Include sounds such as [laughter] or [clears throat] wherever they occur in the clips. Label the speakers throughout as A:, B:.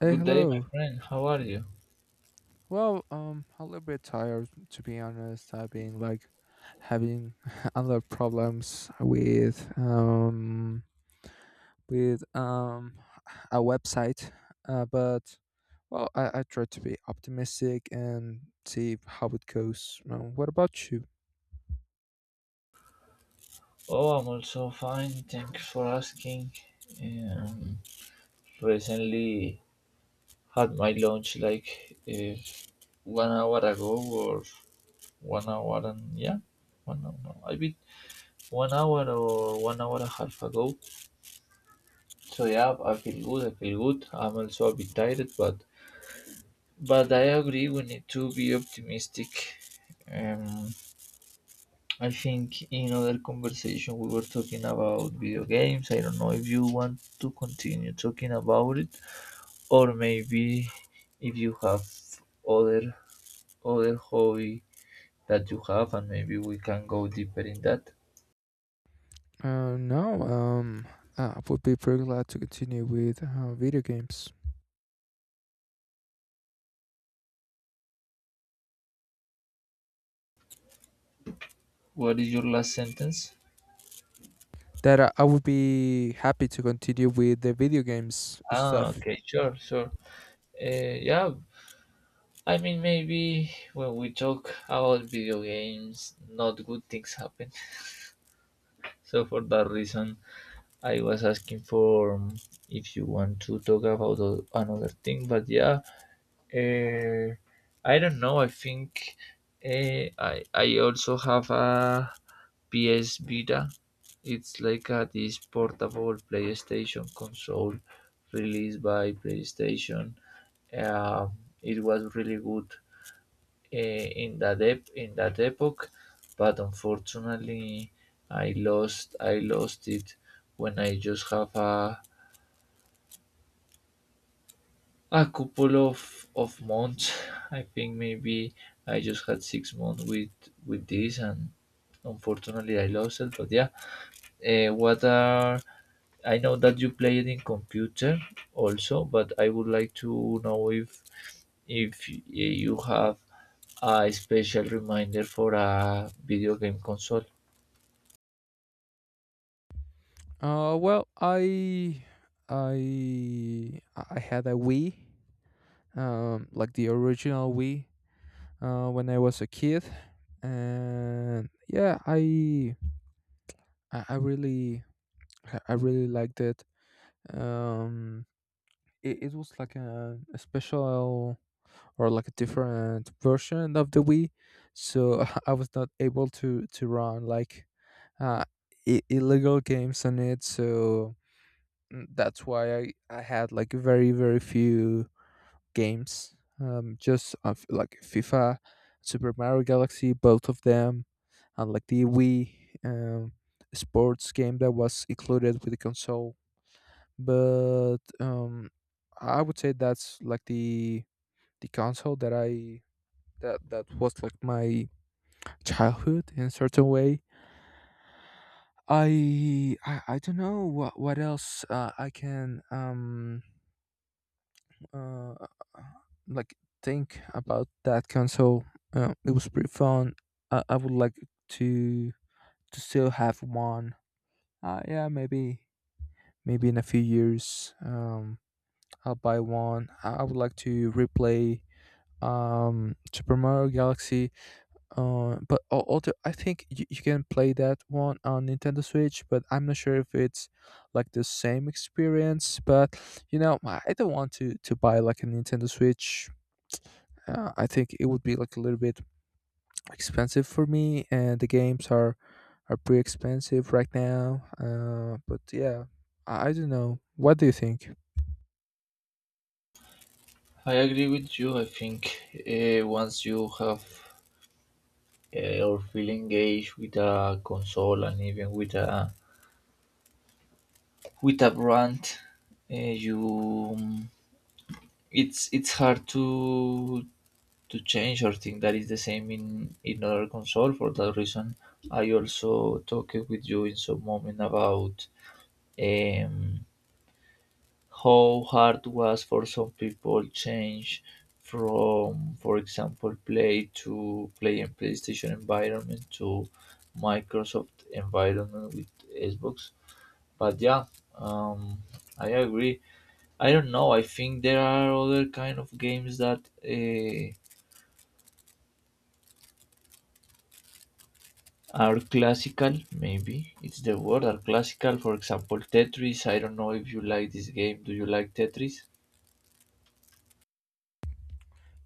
A: Hey,
B: Good day, my
A: hello.
B: friend. How are you?
A: Well, a little bit tired to be honest. I've been like having [laughs] a lot of problems with with um a website, but well, I try to be optimistic and see how it goes. What about you?
B: Oh, I'm also fine. Thanks for asking. Um, recently had my lunch like 1 hour ago or 1 hour and, 1 hour. No, I mean 1 hour or 1 hour and a half ago. So yeah, I feel good. I feel good. I'm also a bit tired, but I agree we need to be optimistic. Um, I think in other conversation we were talking about video games. I don't know if you want to continue talking about it, or maybe if you have other other hobby that you have, and maybe we can go deeper in that.
A: No, I would be pretty glad to continue with video games.
B: What is your last sentence?
A: That I would be happy to continue with the video games
B: Ah,
A: stuff.
B: okay, sure, sure. Yeah, I mean maybe when we talk about video games, not good things happen. [laughs] So for that reason, I was asking for if you want to talk about another thing, but yeah, uh, I don't know. I think I also have a PS Vita. It's like this portable PlayStation console released by PlayStation. Um, it was really good in that epoch, but unfortunately, I lost it when I just have a couple of months. I think maybe I just had 6 months with this, and unfortunately, I lost it. But yeah, what are I know that you play it in computer also, but I would like to know if you have a special reminder for a video game console.
A: Well, I I had a Wii, like the original Wii, when I was a kid, and yeah, I, I really I really liked it. Um, it was like a special or like a different version of the Wii, so [laughs] I was not able to run like uh, illegal games on it. That's why I had like very very few games. Just of like FIFA, Super Mario Galaxy, both of them, and like the Wii um, sports game that was included with the console. But I would say that's like the console that I that that was like my childhood in a certain way. I don't know what else I can uh, like think about that console. It was pretty fun. I would like to still have one. Yeah, maybe in a few years, I'll buy one. I would like to replay Super Mario Galaxy. But also I think you can play that one on Nintendo Switch, but I'm not sure if it's like the same experience. But you know, I don't want to buy like a Nintendo Switch. I think it would be like a little bit expensive for me, and the games are pretty expensive right now. But yeah, I don't know. What do you think?
B: I agree with you. I think once you have or feel engaged with a console and even with a brand, you it's hard to change or think that is the same in other console. For that reason, I also talked with you in some moment about um, how hard was for some people change from for example play to play in playstation environment to microsoft environment with xbox but yeah um I agree I don't know I think there are other kind of games that uh, are classical maybe it's the word are classical for example tetris I don't know if you like this game do you like tetris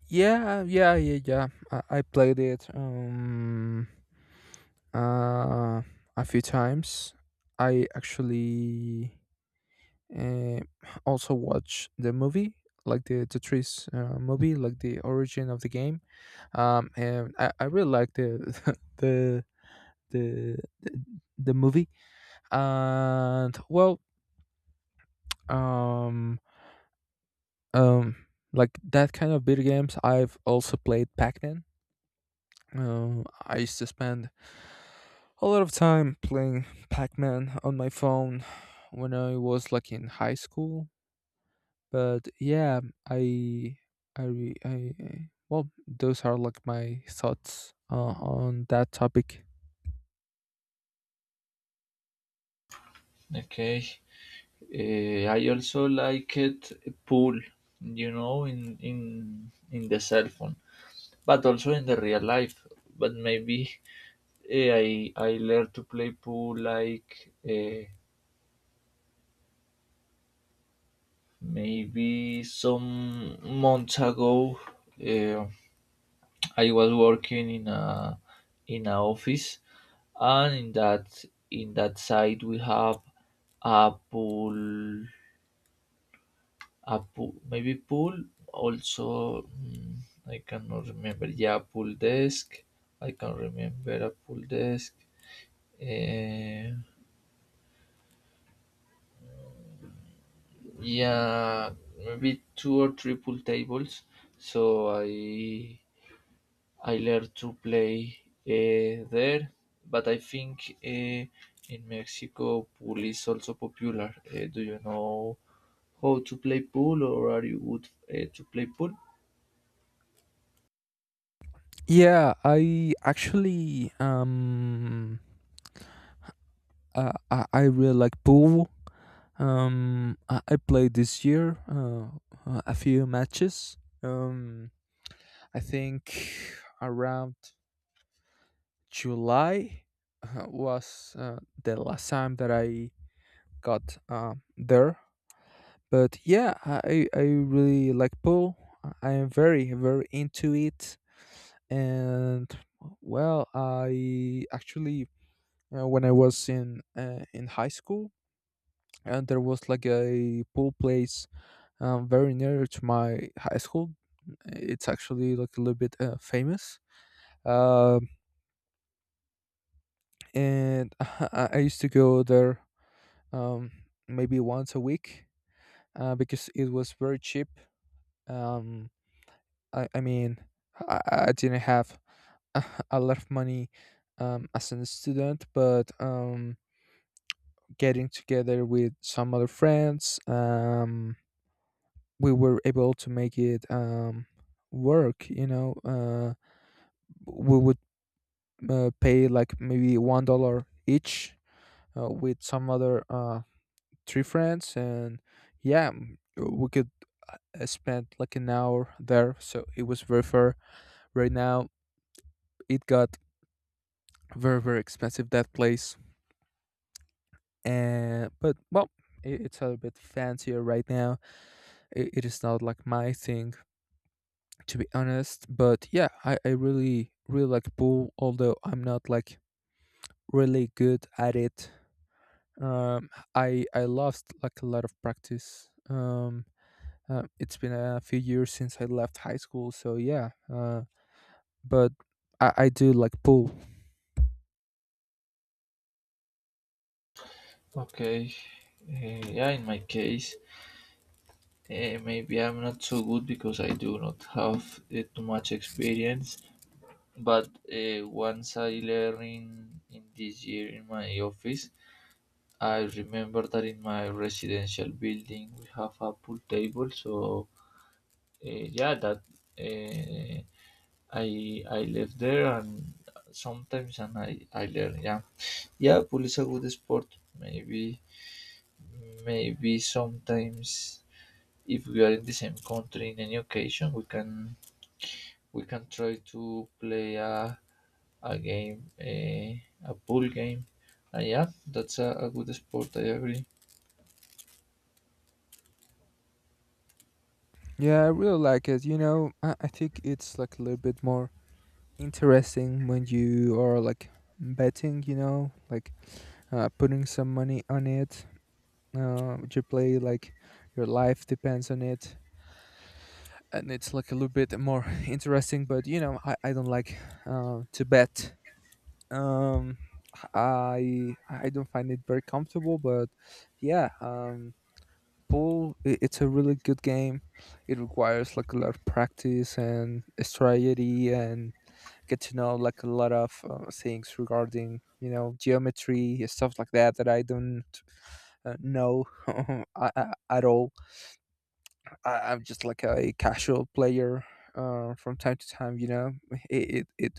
A: Yeah, yeah, yeah, yeah. I played it uh a few times. I actually uh, also watched the movie, like the Tetris movie, like the origin of the game. And I really like the [laughs] the the, the movie. And well um um like that kind of video games, I've also played Pac-Man. I used to spend a lot of time playing Pac-Man on my phone when I was like in high school. But yeah, i I, well, those are like my thoughts on that topic.
B: okay. Eh, I also liked pool, in the cell phone, but also in the real life. But maybe I learned to play pool like maybe some months ago. Eh, I was working in a office, and in that side we have a pool a pool, maybe pool. Also, I cannot remember. Yeah, pool desk. I can remember a pool desk. Eh, yeah, maybe two or three pool tables. So I learned to play there, but I think in Mexico pool is also popular. Do you know how to play pool, or are you good to play pool?
A: Yeah, I actually, I really like pool. I played this year a few matches. Um, I think around July was the last time that I got there. But yeah, I really like pool. I am very, very into it. And well, I actually, when I was in high school, and there was like a pool place very near to my high school. It's actually like a little bit famous, um, and [laughs] I used to go there um, maybe once a week because it was very cheap. Um, I mean, I, I didn't have [laughs] a lot of money as a student, but getting together with some other friends, we were able to make it work. You know, we would pay like maybe $1 each with some other three friends, and yeah, we could spend like an hour there, so it was very fair. Right now it got very very expensive, that place. And but well i- it's a bit fancier right now. It is not like my thing to be honest, but yeah, I really really like pool, although I'm not like really good at it. I lost like a lot of practice. It's been a few years since I left high school, so yeah. But I do like pool.
B: Okay. Yeah, in my case, maybe I'm not so good because I do not have too much experience. But once I learned in this year in my office, I remember that in my residential building we have a pool table. So yeah, that uh, I live there and sometimes and I learn. Yeah, yeah, pool is a good sport. Maybe maybe sometimes if we are in the same country in any occasion, we can try to play a game, a pool game. And yeah, that's a good sport. I agree.
A: Yeah, I really like it. You know, I think it's like a little bit more interesting when you are like betting. You know, like putting some money on it. You play like your life depends on it, and it's like a little bit more [laughs] interesting. But you know, I don't like to bet. Um I don't find it very comfortable. But yeah, pool, it's a really good game. It requires like a lot of practice and strategy, and get to know like a lot of things regarding, you know, geometry and stuff like that that I don't know [laughs] at all. I'm just like a casual player from time to time, you know. it it it,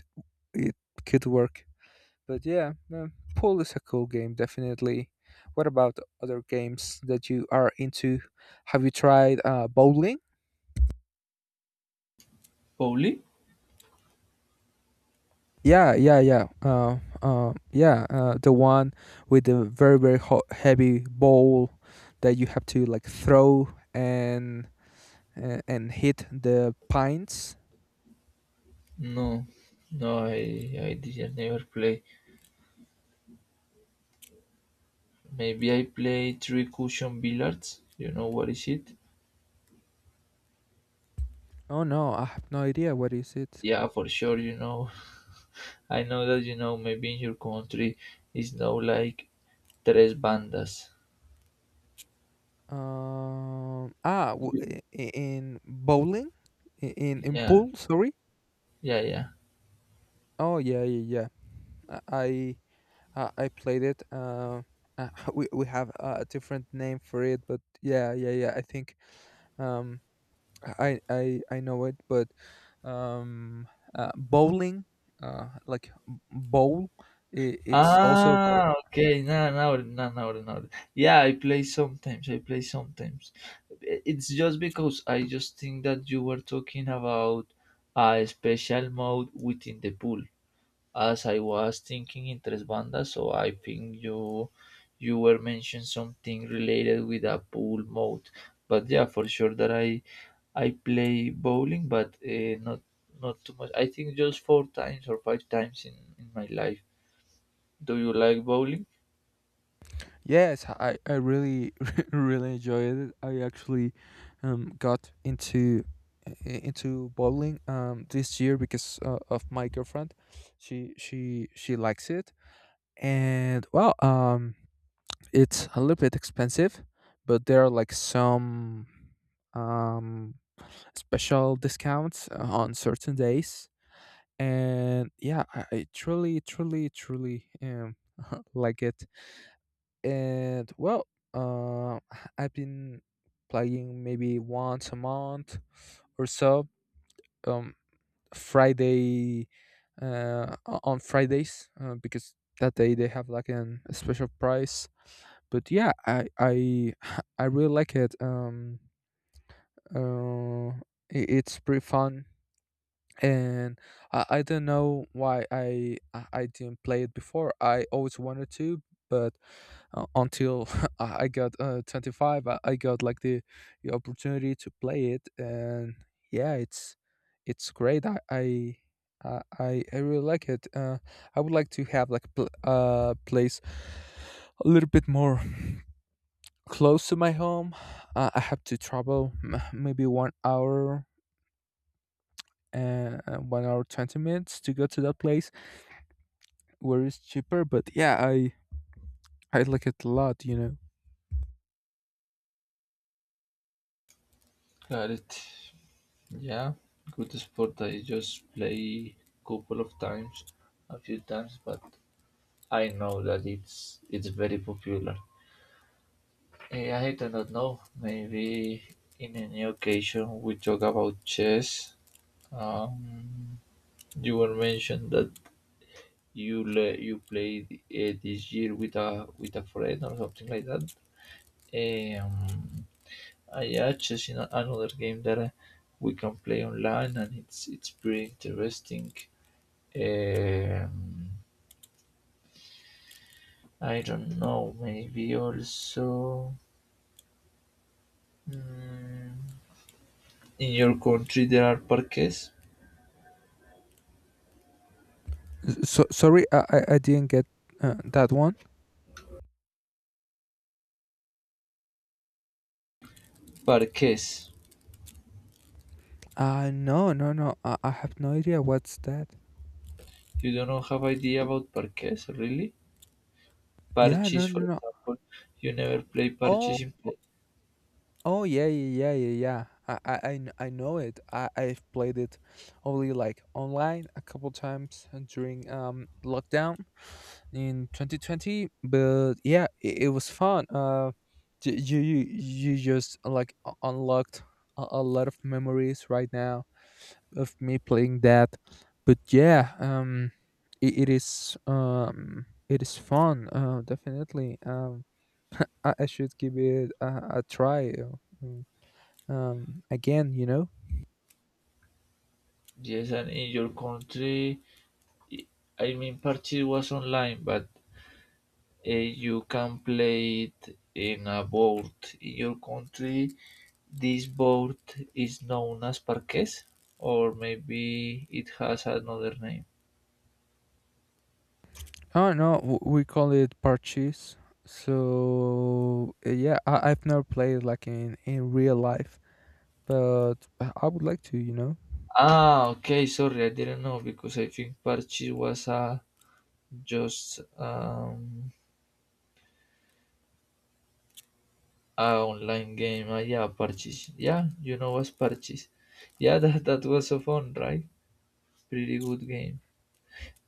A: it could work, but yeah, pool is a cool game, definitely. What about other games that you are into? Have you tried bowling?
B: Bowling?
A: Yeah, yeah, yeah. Yeah, the one with the very, very heavy ball that you have to like throw and and hit the pines.
B: No, no, I didn't never play. Maybe I play three cushion billiards. You know what is it?
A: Oh no, I have no idea. What is it?
B: Yeah, for sure. You know, [laughs] I know that you know. Maybe in your country, is no like tres bandas. Yeah,
A: In bowling, in
B: yeah,
A: pool. Sorry.
B: yeah, yeah.
A: Oh yeah, yeah, yeah. I I played it. [laughs] We have a different name for it, but yeah, yeah, yeah. I think um I know it, but um bowling, like bowl. I it's also.
B: Ah, okay. Now, now, now, now, now. Yeah, I play sometimes. I play sometimes. It's just because I just think that you were talking about a special mode within the pool, as I was thinking in Tres Bandas. So I think you were mentioning something related with a pool mode. But yeah, for sure that I play bowling, but not too much. I think just four times or five times in my life. Do you like bowling?
A: Yes, I really [laughs] really enjoyed it. I actually got into i- into bowling this year because of my girlfriend. She she likes it, and well, it's a little bit expensive, but there are like some um, special discounts on certain days, and yeah, I truly truly truly [laughs] like it. And well, uh, [sighs] I've been playing maybe once a month or so. Um, Friday on Fridays because that day they have like an a special price. But yeah, I [sighs] [laughs] I really like it. Uh, it's pretty fun, and I don't know why I didn't play it before. I always wanted to, but until [laughs] I got 25, I got like the opportunity to play it, and yeah, it's great. I really like it. I would like to have like place a little bit more close to my home. I have to travel maybe 1 hour and 1 hour 20 minutes to go to that place where it's cheaper. But yeah, I like it a lot, you know.
B: Got it. Yeah, good sport. I just play couple of times, a few times, but I know that it's very popular. I do not know. Maybe in any occasion we talk about chess. Um, you were mentioned that you played this year with a friend or something like that. Um, I just in another game that we can play online, and it's pretty interesting. Um, I don't know. Maybe also mm, in your country there are parques.
A: So sorry, I didn't get that one.
B: Parques.
A: No, no, no. I have no idea what's that.
B: You don't know, have idea about parques, really?
A: Yeah, no,
B: Parches, for
A: no, no.
B: example. You never play
A: Oh,
B: parches in play.
A: oh yeah, yeah, yeah, yeah, yeah. I know it. I I've played it only like online a couple times during lockdown in 2020. But yeah, it was fun. You you just like unlocked a lot of memories right now of me playing that. But yeah, it is fun. Definitely. I should give it a try. Mm, Again, you know.
B: Yes, and in your country, I I mean, parches was online, but you can play it in a board. In your country, this board is known as parquet, or maybe it has another name.
A: Oh no, we call it parches. So yeah, I've never played like in real life, but I would like to, you know.
B: Ah, okay. Sorry, I didn't know because I think Parchis was just um a online game. Ah, yeah, Parchis. Yeah, you know what's Parchis. Yeah, [laughs] that was so fun, right? Pretty good game.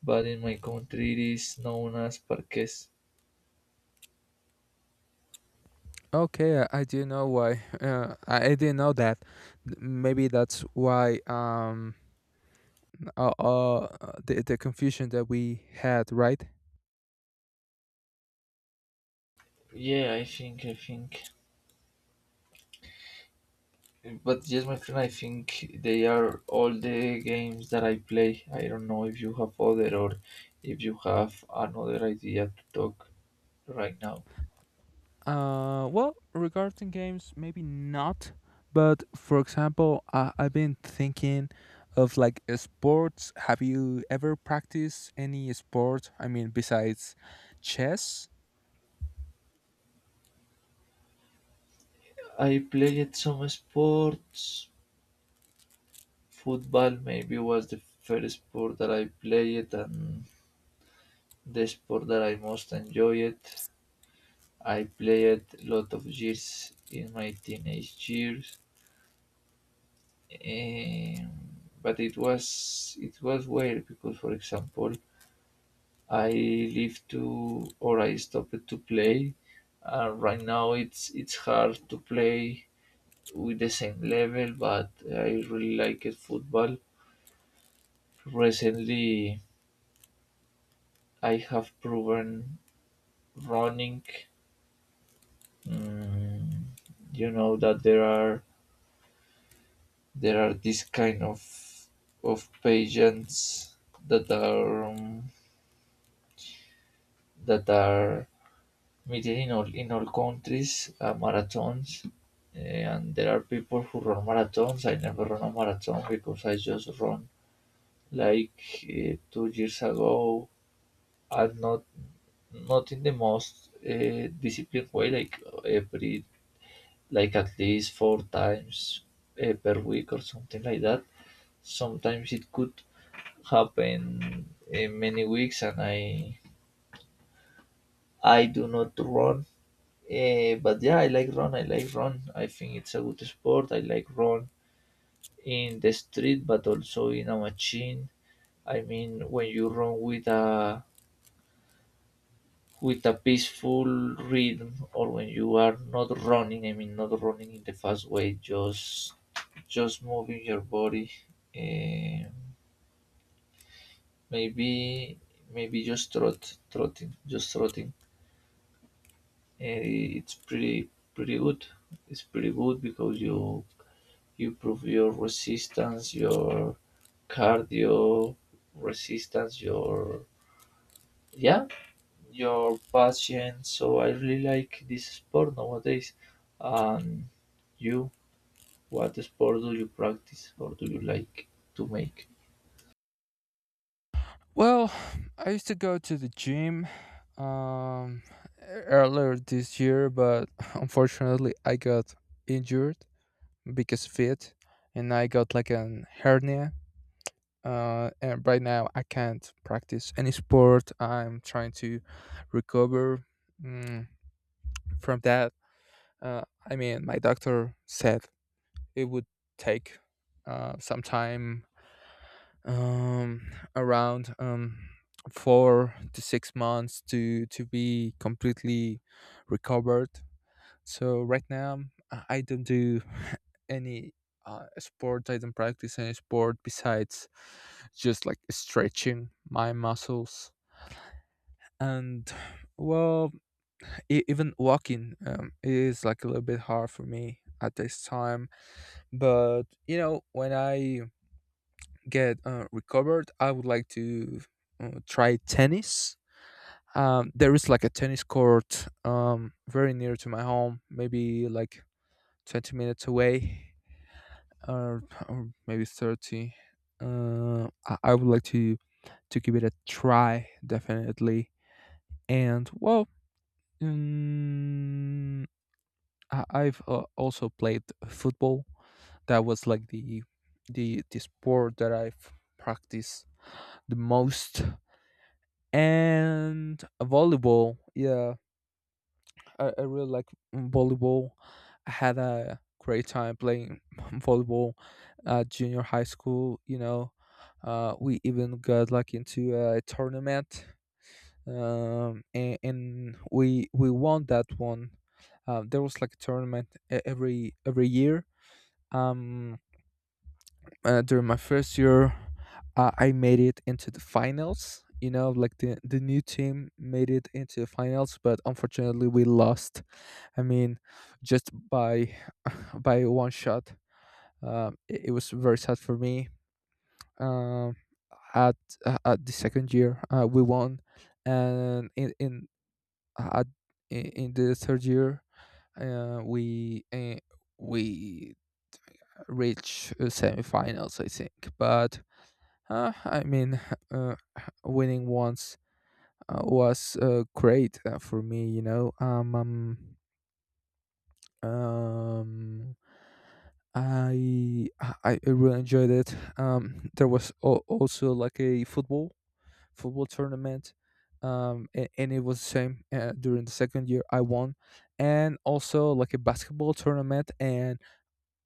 B: But in my country, it is known as Parques.
A: Okay, I didn't know why. I didn't know that. Maybe that's why. Uh, uh the confusion that we had, right?
B: Yeah, I think But yes, my friend, I think they are all the games that I play. I don't know if you have other or if you have another idea to talk right now.
A: Well, regarding games maybe not, but for example, I've been thinking of like sports. Have you ever practiced any sport? I mean, besides chess.
B: I played some sports. Football maybe was the first sport that I played and the sport that I most enjoyed. I played a lot of years in my teenage years. Um, but it was weird because for example I live to or I stopped to play. Right now, it's hard to play with the same level, but I really like it football. Recently, I have proven running. Mm, you know that there are this kind of patients that are that are we did in all countries marathons, and there are people who run marathons. I never run a marathon because I just run like 2 years ago, and not in the most disciplined way, like every like at least four times per week or something like that. Sometimes it could happen in many weeks, and I do not run. But yeah, I like run. I like run. I think it's a good sport. I like run in the street, but also in a machine. I mean, when you run with a peaceful rhythm, or when you are not running. I mean, not running in the fast way, just moving your body. Eh, maybe maybe just trotting, just trotting. Eh, it's pretty good. It's pretty good because you prove your resistance, your cardio resistance, yeah, your patience. So I really like this sport nowadays. And you, what sport do you practice or do you like to make?
A: Well, [sighs] I used to go to the gym um earlier this year, but [laughs] unfortunately I got injured because fit, and I got like an hernia. And right now I can't practice any sport. I'm trying to recover, mm, from that. Uh, I mean, my doctor said it would take some time, um, around 4 to 6 months to be completely recovered. So right now, I don't do [laughs] any sport. I don't practice any sport besides just like stretching my muscles. And well, even walking is like a little bit hard for me at this time. But you know, when I get recovered, I would like to try tennis. There is like a tennis court very near to my home, maybe like 20 minutes away, or maybe 30. I would like to give it a try, definitely. And well, um, I've also played football. That was like the sport that I've practiced the most, and volleyball. Yeah, I really like volleyball. I had a great time playing [laughs] volleyball at junior high school. We even got into a tournament. Um, and, and we we won that one. There was like a tournament every year. Um, During my first year, I made it into the finals. The new team made it into the finals, but unfortunately we lost, I mean, just by [laughs] by one shot. It was very sad for me. Um, at at the second year, we won, and in at, in the third year, uh, we uh, we reached semifinals, I think. But uh, I mean, [laughs] uh, winning once was great for me. Um, I really enjoyed it. There was also like a football tournament, and it was the same during the second year. I won, and also like a basketball tournament. And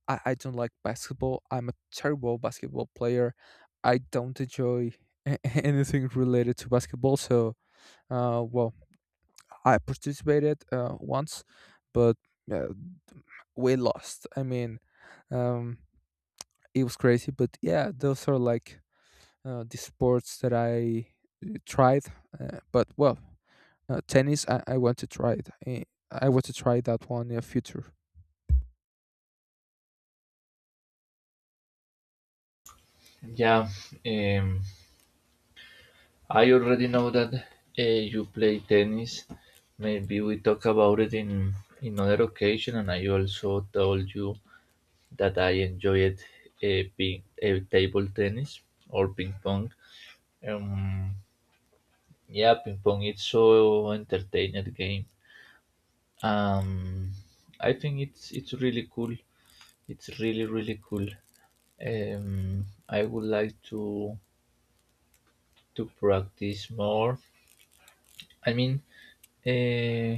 A: I don't like basketball. I'm a terrible basketball player. I don't enjoy [laughs] anything related to basketball. So, uh, well, I participated once, but. Uh, we lost. Um, it was crazy, but yeah, those are like the sports that I tried. Uh, but well, Tennis, I want to try it. I want to try that one in the future.
B: Yeah, um, I already know that you play tennis. Maybe we talk about it in other occasion, and I also told you that I enjoyed being table tennis or ping pong. Um, yeah, ping pong it's so entertaining game. Um, I think it's really cool. It's really really cool. I would like to practice more. I mean, uh,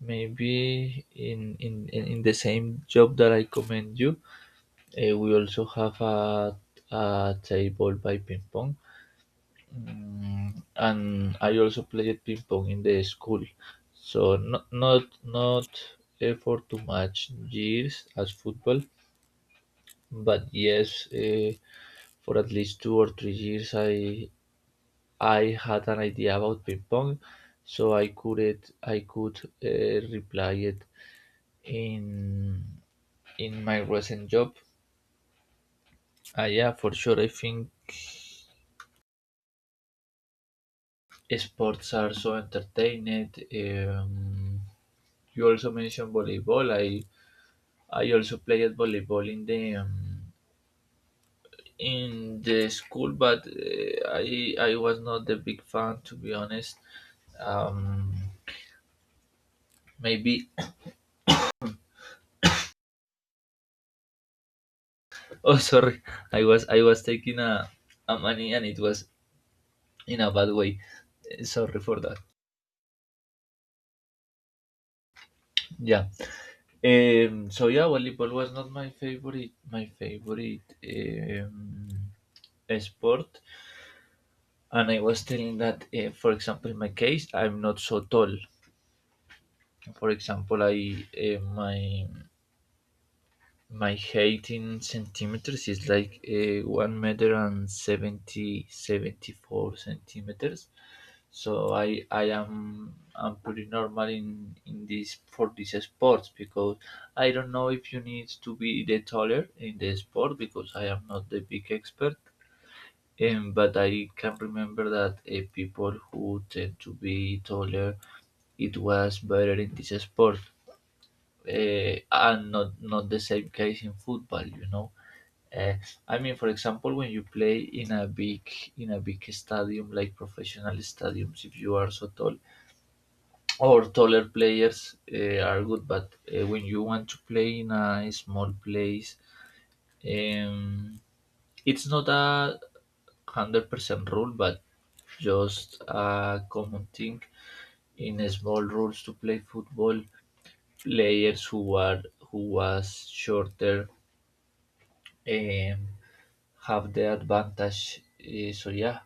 B: maybe in the same job that I commend you, we also have a table by ping pong. Mm, and I also played ping pong in the school, so not for too much years as football, but yes, uh, for at least 2 or 3 years, I had an idea about ping pong, so I could reply it in in my recent job. Yeah, for sure. I think sports are so entertaining. Um, you also mentioned volleyball. I also played volleyball in the school, but I was not the big fan to be honest. Um, maybe [laughs] oh sorry, I was taking a money and it was in a bad way. Sorry for that. Yeah. So yeah, volleyball was not my favorite sport, and I was telling that for example in my case I'm not so tall. For example, I my my height in centimeters is like 1 m and 70 74 centimeters. So I'm pretty normal in this for this sport because I don't know if you need to be the taller in the sport because I am not the big expert. But I can remember that people who tend to be taller, it was better in this sport and not the same case in football you know uh, i mean for example when you play in a big stadium like professional stadiums, if you are so tall or taller players are good, but when you want to play in a small place, um, it's not a 100% rule but just a common thing. In small rules to play football, players who are who was shorter um, have the advantage. So yeah,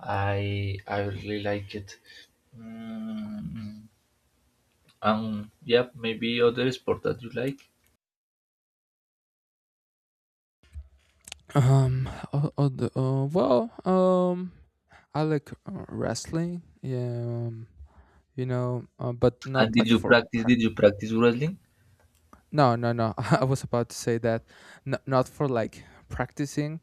B: I really like it. Mm, yeah, maybe other sport that you like.
A: Um, o- other- uh, well, um, I like wrestling. Yeah. But
B: And
A: not
B: did
A: like
B: you
A: for.
B: practice? Did you practice wrestling?
A: No, no, no. [laughs] I was about to say that, not for like practicing.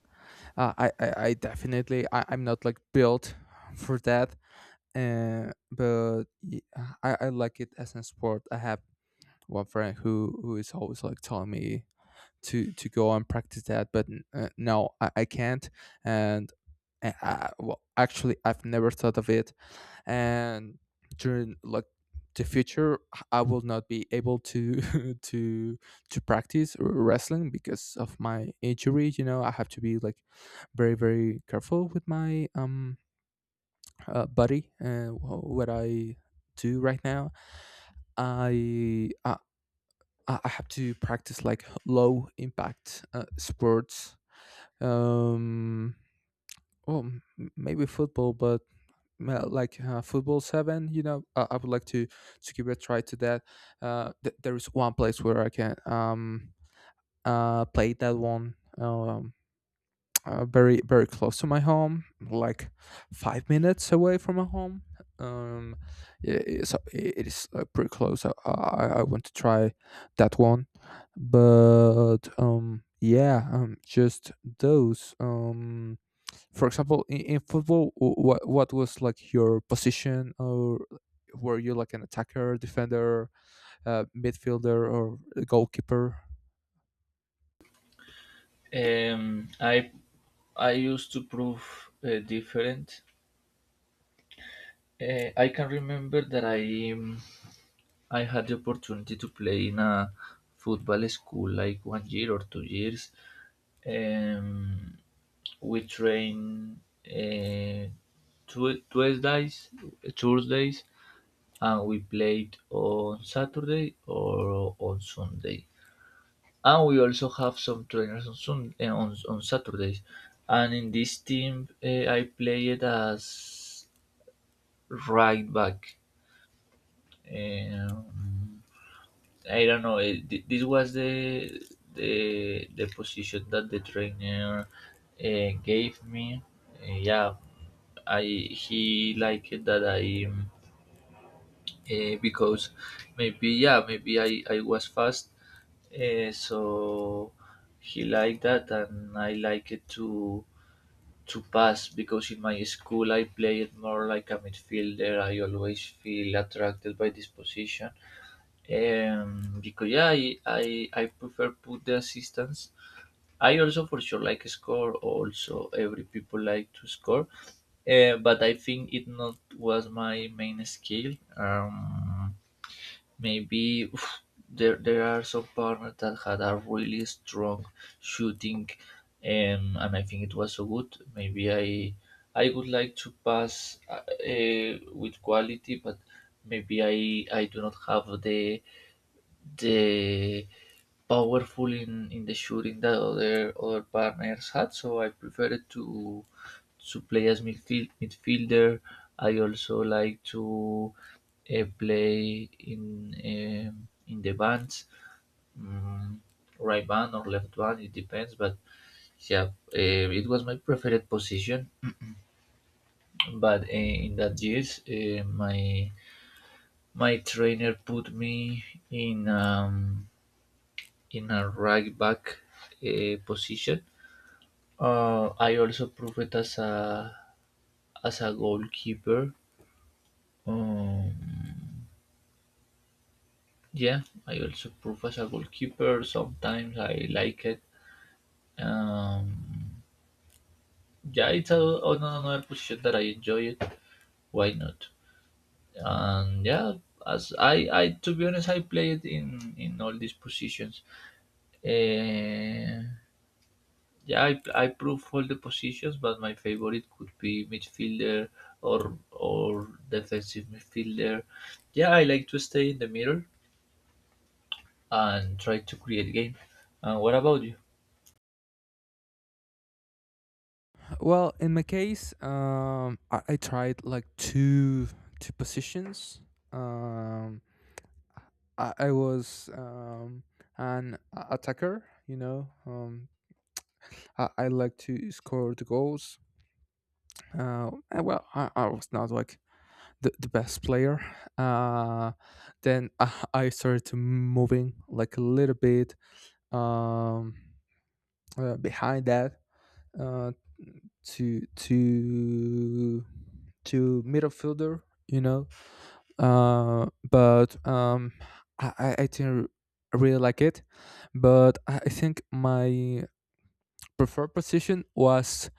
A: I definitely I'm not like built for that. Uh, but y- I, I like it as a sport. I have one friend who is always like telling me to go and practice that, but no, I can't. And actually I've never thought of it. And during like the future, I will not be able to [laughs] to to practice wrestling because of my injury. You know, I have to be like very very careful with my body and what I do right now. I I have to practice like low impact sports. um well m- Maybe football, but football seven, you know. I would like to give a try to that. There is one place where I can play that one, very very close to my home, like 5 minutes away from my home. um it is pretty close. I want to try that one. But yeah just those For example, in football, what was like your position, or were you like an attacker, defender, midfielder, or a goalkeeper?
B: Um, I I used to prove different. I can remember that I had the opportunity to play in a football school like one year or 2 years. Um, we train Tuesdays, Thursdays, and we played on Saturday or on Sunday. And we also have some trainers on on Saturdays. And in this team, I played as right back. Um, I don't know. This was the the position that the trainer gave me. Yeah, I he liked it that I because maybe yeah maybe I was fast, so he liked that and I like it to pass because in my school I played more like a midfielder. I always feel attracted by this position, because yeah, I prefer put the assistance. I also for sure like score. Also, every people like to score, but I think it not was my main skill. Maybe oof, there are some partners that had a really strong shooting, and I think it was so good. Maybe I would like to pass with quality, but maybe I do not have the powerful in the shooting that other partners had. So I preferred to play as midfielder. I also like to play in the bands, mm, right band or left band. It depends, but yeah, it was my preferred position. But in that years, my my trainer put me in. In a right back position. I also proved it as a goalkeeper. Um, yeah, I also prove as a goalkeeper. Sometimes I like it. Um, yeah, it's a, another position that I enjoy it. Why not? And yeah, as I to be honest, I play it in all these positions. Uh, Yeah, I prove all the positions, but my favorite could be midfielder or defensive midfielder. Yeah, I like to stay in the middle and try to create game. And what about you?
A: Well, in my case, I tried like two positions. um I was attacker, you know. I like to score the goals. I was not like the best player. Uh, then I started to moving like a little bit, um, behind that, uh, to to to midfielder, you know. But I didn't really like it. But I think my preferred position was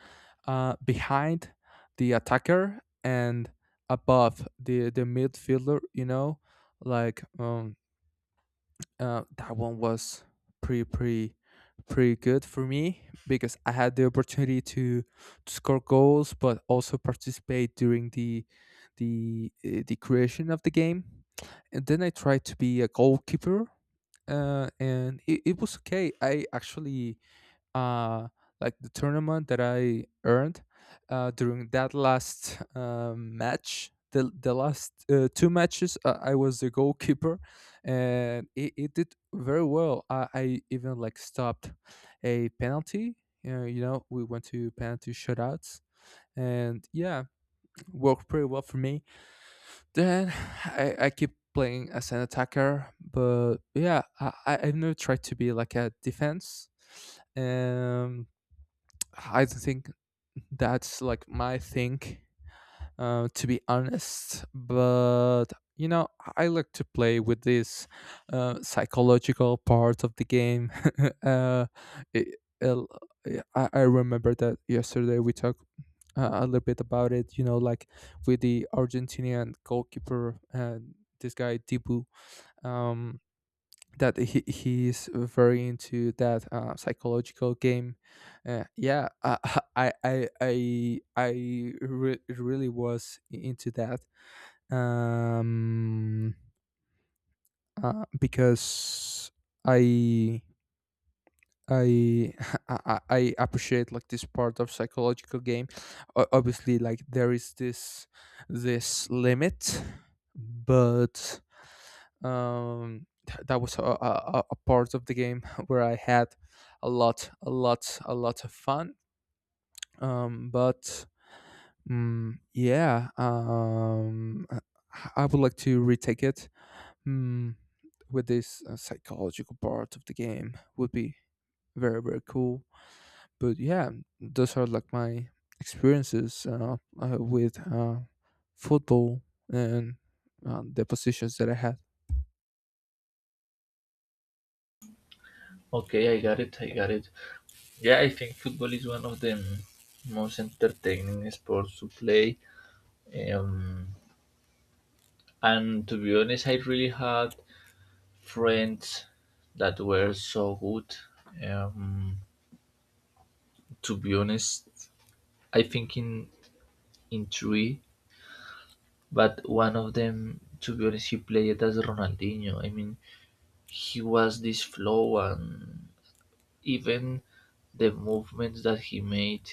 A: behind the attacker and above the midfielder, you know. like um, that one was pretty pretty pretty good for me because I had the opportunity to score goals, but also participate during the the creation of the game. And then I tried to be a goalkeeper, and it was okay. I actually uh like the tournament that I earned during that last match. The last two matches, I was the goalkeeper, and it did very well. I even like stopped a penalty. We went to penalty shootouts, and yeah, worked pretty well for me. Then I keep playing as an attacker, but yeah, I've never tried to be like a defense. Um, I think that's like my thing, to be honest. But you know, I like to play with this psychological part of the game. [laughs] uh, it, el- I remember that yesterday we talked a little bit about it. You know, like with the Argentinian goalkeeper and this guy Dibu. Um, that he's very into that psychological game. Uh, yeah, uh, [laughs] I I I I really was into that, um, because I. I, [laughs] I appreciate like this part of psychological game. Obviously, like there is this limit, but that was a part of the game [laughs] where I had a lot of fun. But mm, yeah I would like to retake it. mm, with this psychological part of the game would be very very cool. But yeah, those are like my experiences with football and the positions that I had.
B: Okay, I got it. I got it. Yeah, I think football is one of the most entertaining sports to play. Um, and to be honest, I really had friends that were so good. Um, to be honest, I think in three but one of them, to be honest, he played as Ronaldinho. I mean, he was this flow and even the movements that he made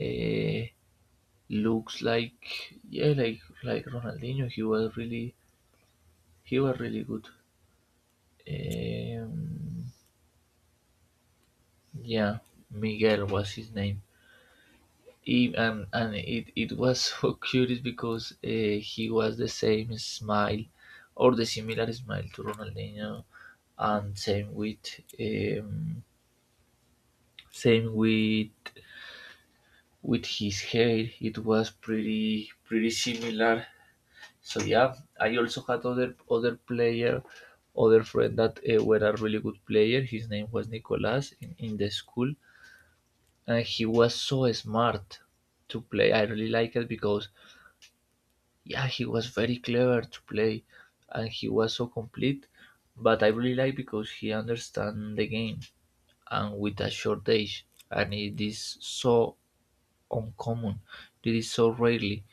B: uh, looks like yeah like Ronaldinho. He was really he was really good. um, yeah, Miguel was his name. He, and it, it was so [laughs] curious because he was the same smile or the similar smile to Ronaldinho, and same with, um, same with his hair. It was pretty similar. So yeah, I also had other player, other friend that were a really good player. His name was Nicolas in the school, and he was so smart to play. I really like it because yeah, he was very clever to play, and he was so complete. But I really like because he understand the game, and with a short age, and it is so uncommon. It is so rarely.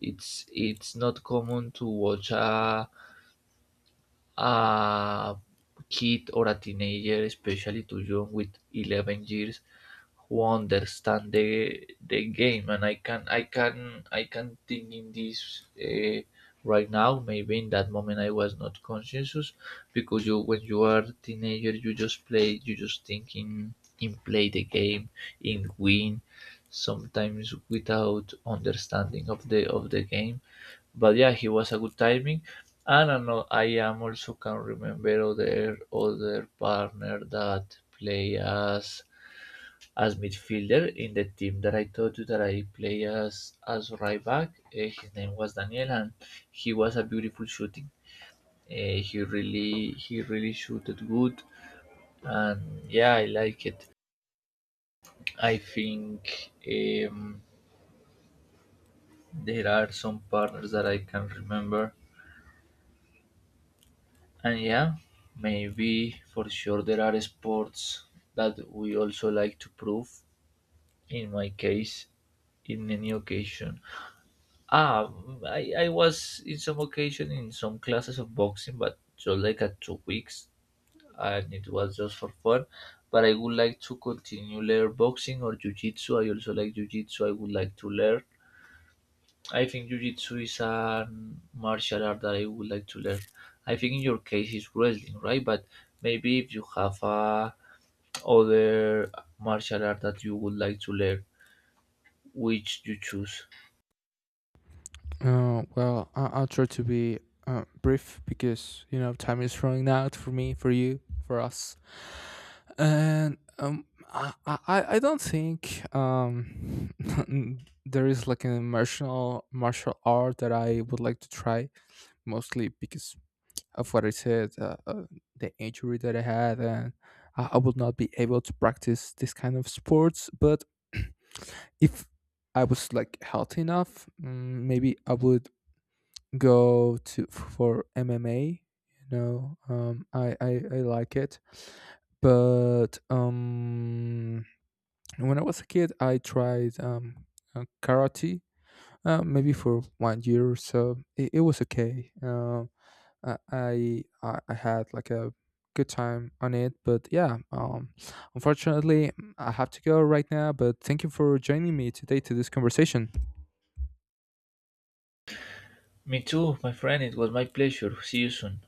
B: It's not common to watch a kid or a teenager, especially to young with 11 years, who understand the game. And I can think in this right now. Maybe in that moment I was not conscious because you, when you are teenager, you just play. You just think in play the game, in win, sometimes without understanding of the game. But yeah, he was a good timing. And I am also can remember other partner that play as midfielder in the team that I told you that I play as right back. His name was Daniel, and he was a beautiful shooting. He really shooted good, and yeah, I like it. I think um, there are some partners that I can remember. And yeah, maybe for sure there are sports that we also like to prove. In my case, in any occasion. Ah, I was in some occasion in some classes of boxing, but just like at 2 weeks, and it was just for fun. But I would like to continue learn boxing or jujitsu. I also like jujitsu. I would like to learn. I think jujitsu is a martial art that I would like to learn. I think in your case is wrestling, right? But maybe if you have a other martial art that you would like to learn, which you choose.
A: I'll try to be brief because you know time is running out for me, for you, for us, and I don't think [laughs] there is like an martial art that I would like to try, mostly because of what I said, the injury that I had, and I would not be able to practice this kind of sports. But [clears throat] if I was like healthy enough, mm, maybe I would go to for MMA. I like it, but when I was a kid, I tried karate. Maybe for one year or so, it was okay. I had like a good time on it, but yeah, unfortunately, I have to go right now. But thank you for joining me today to this conversation.
B: Me too, my friend. It was my pleasure. See you soon.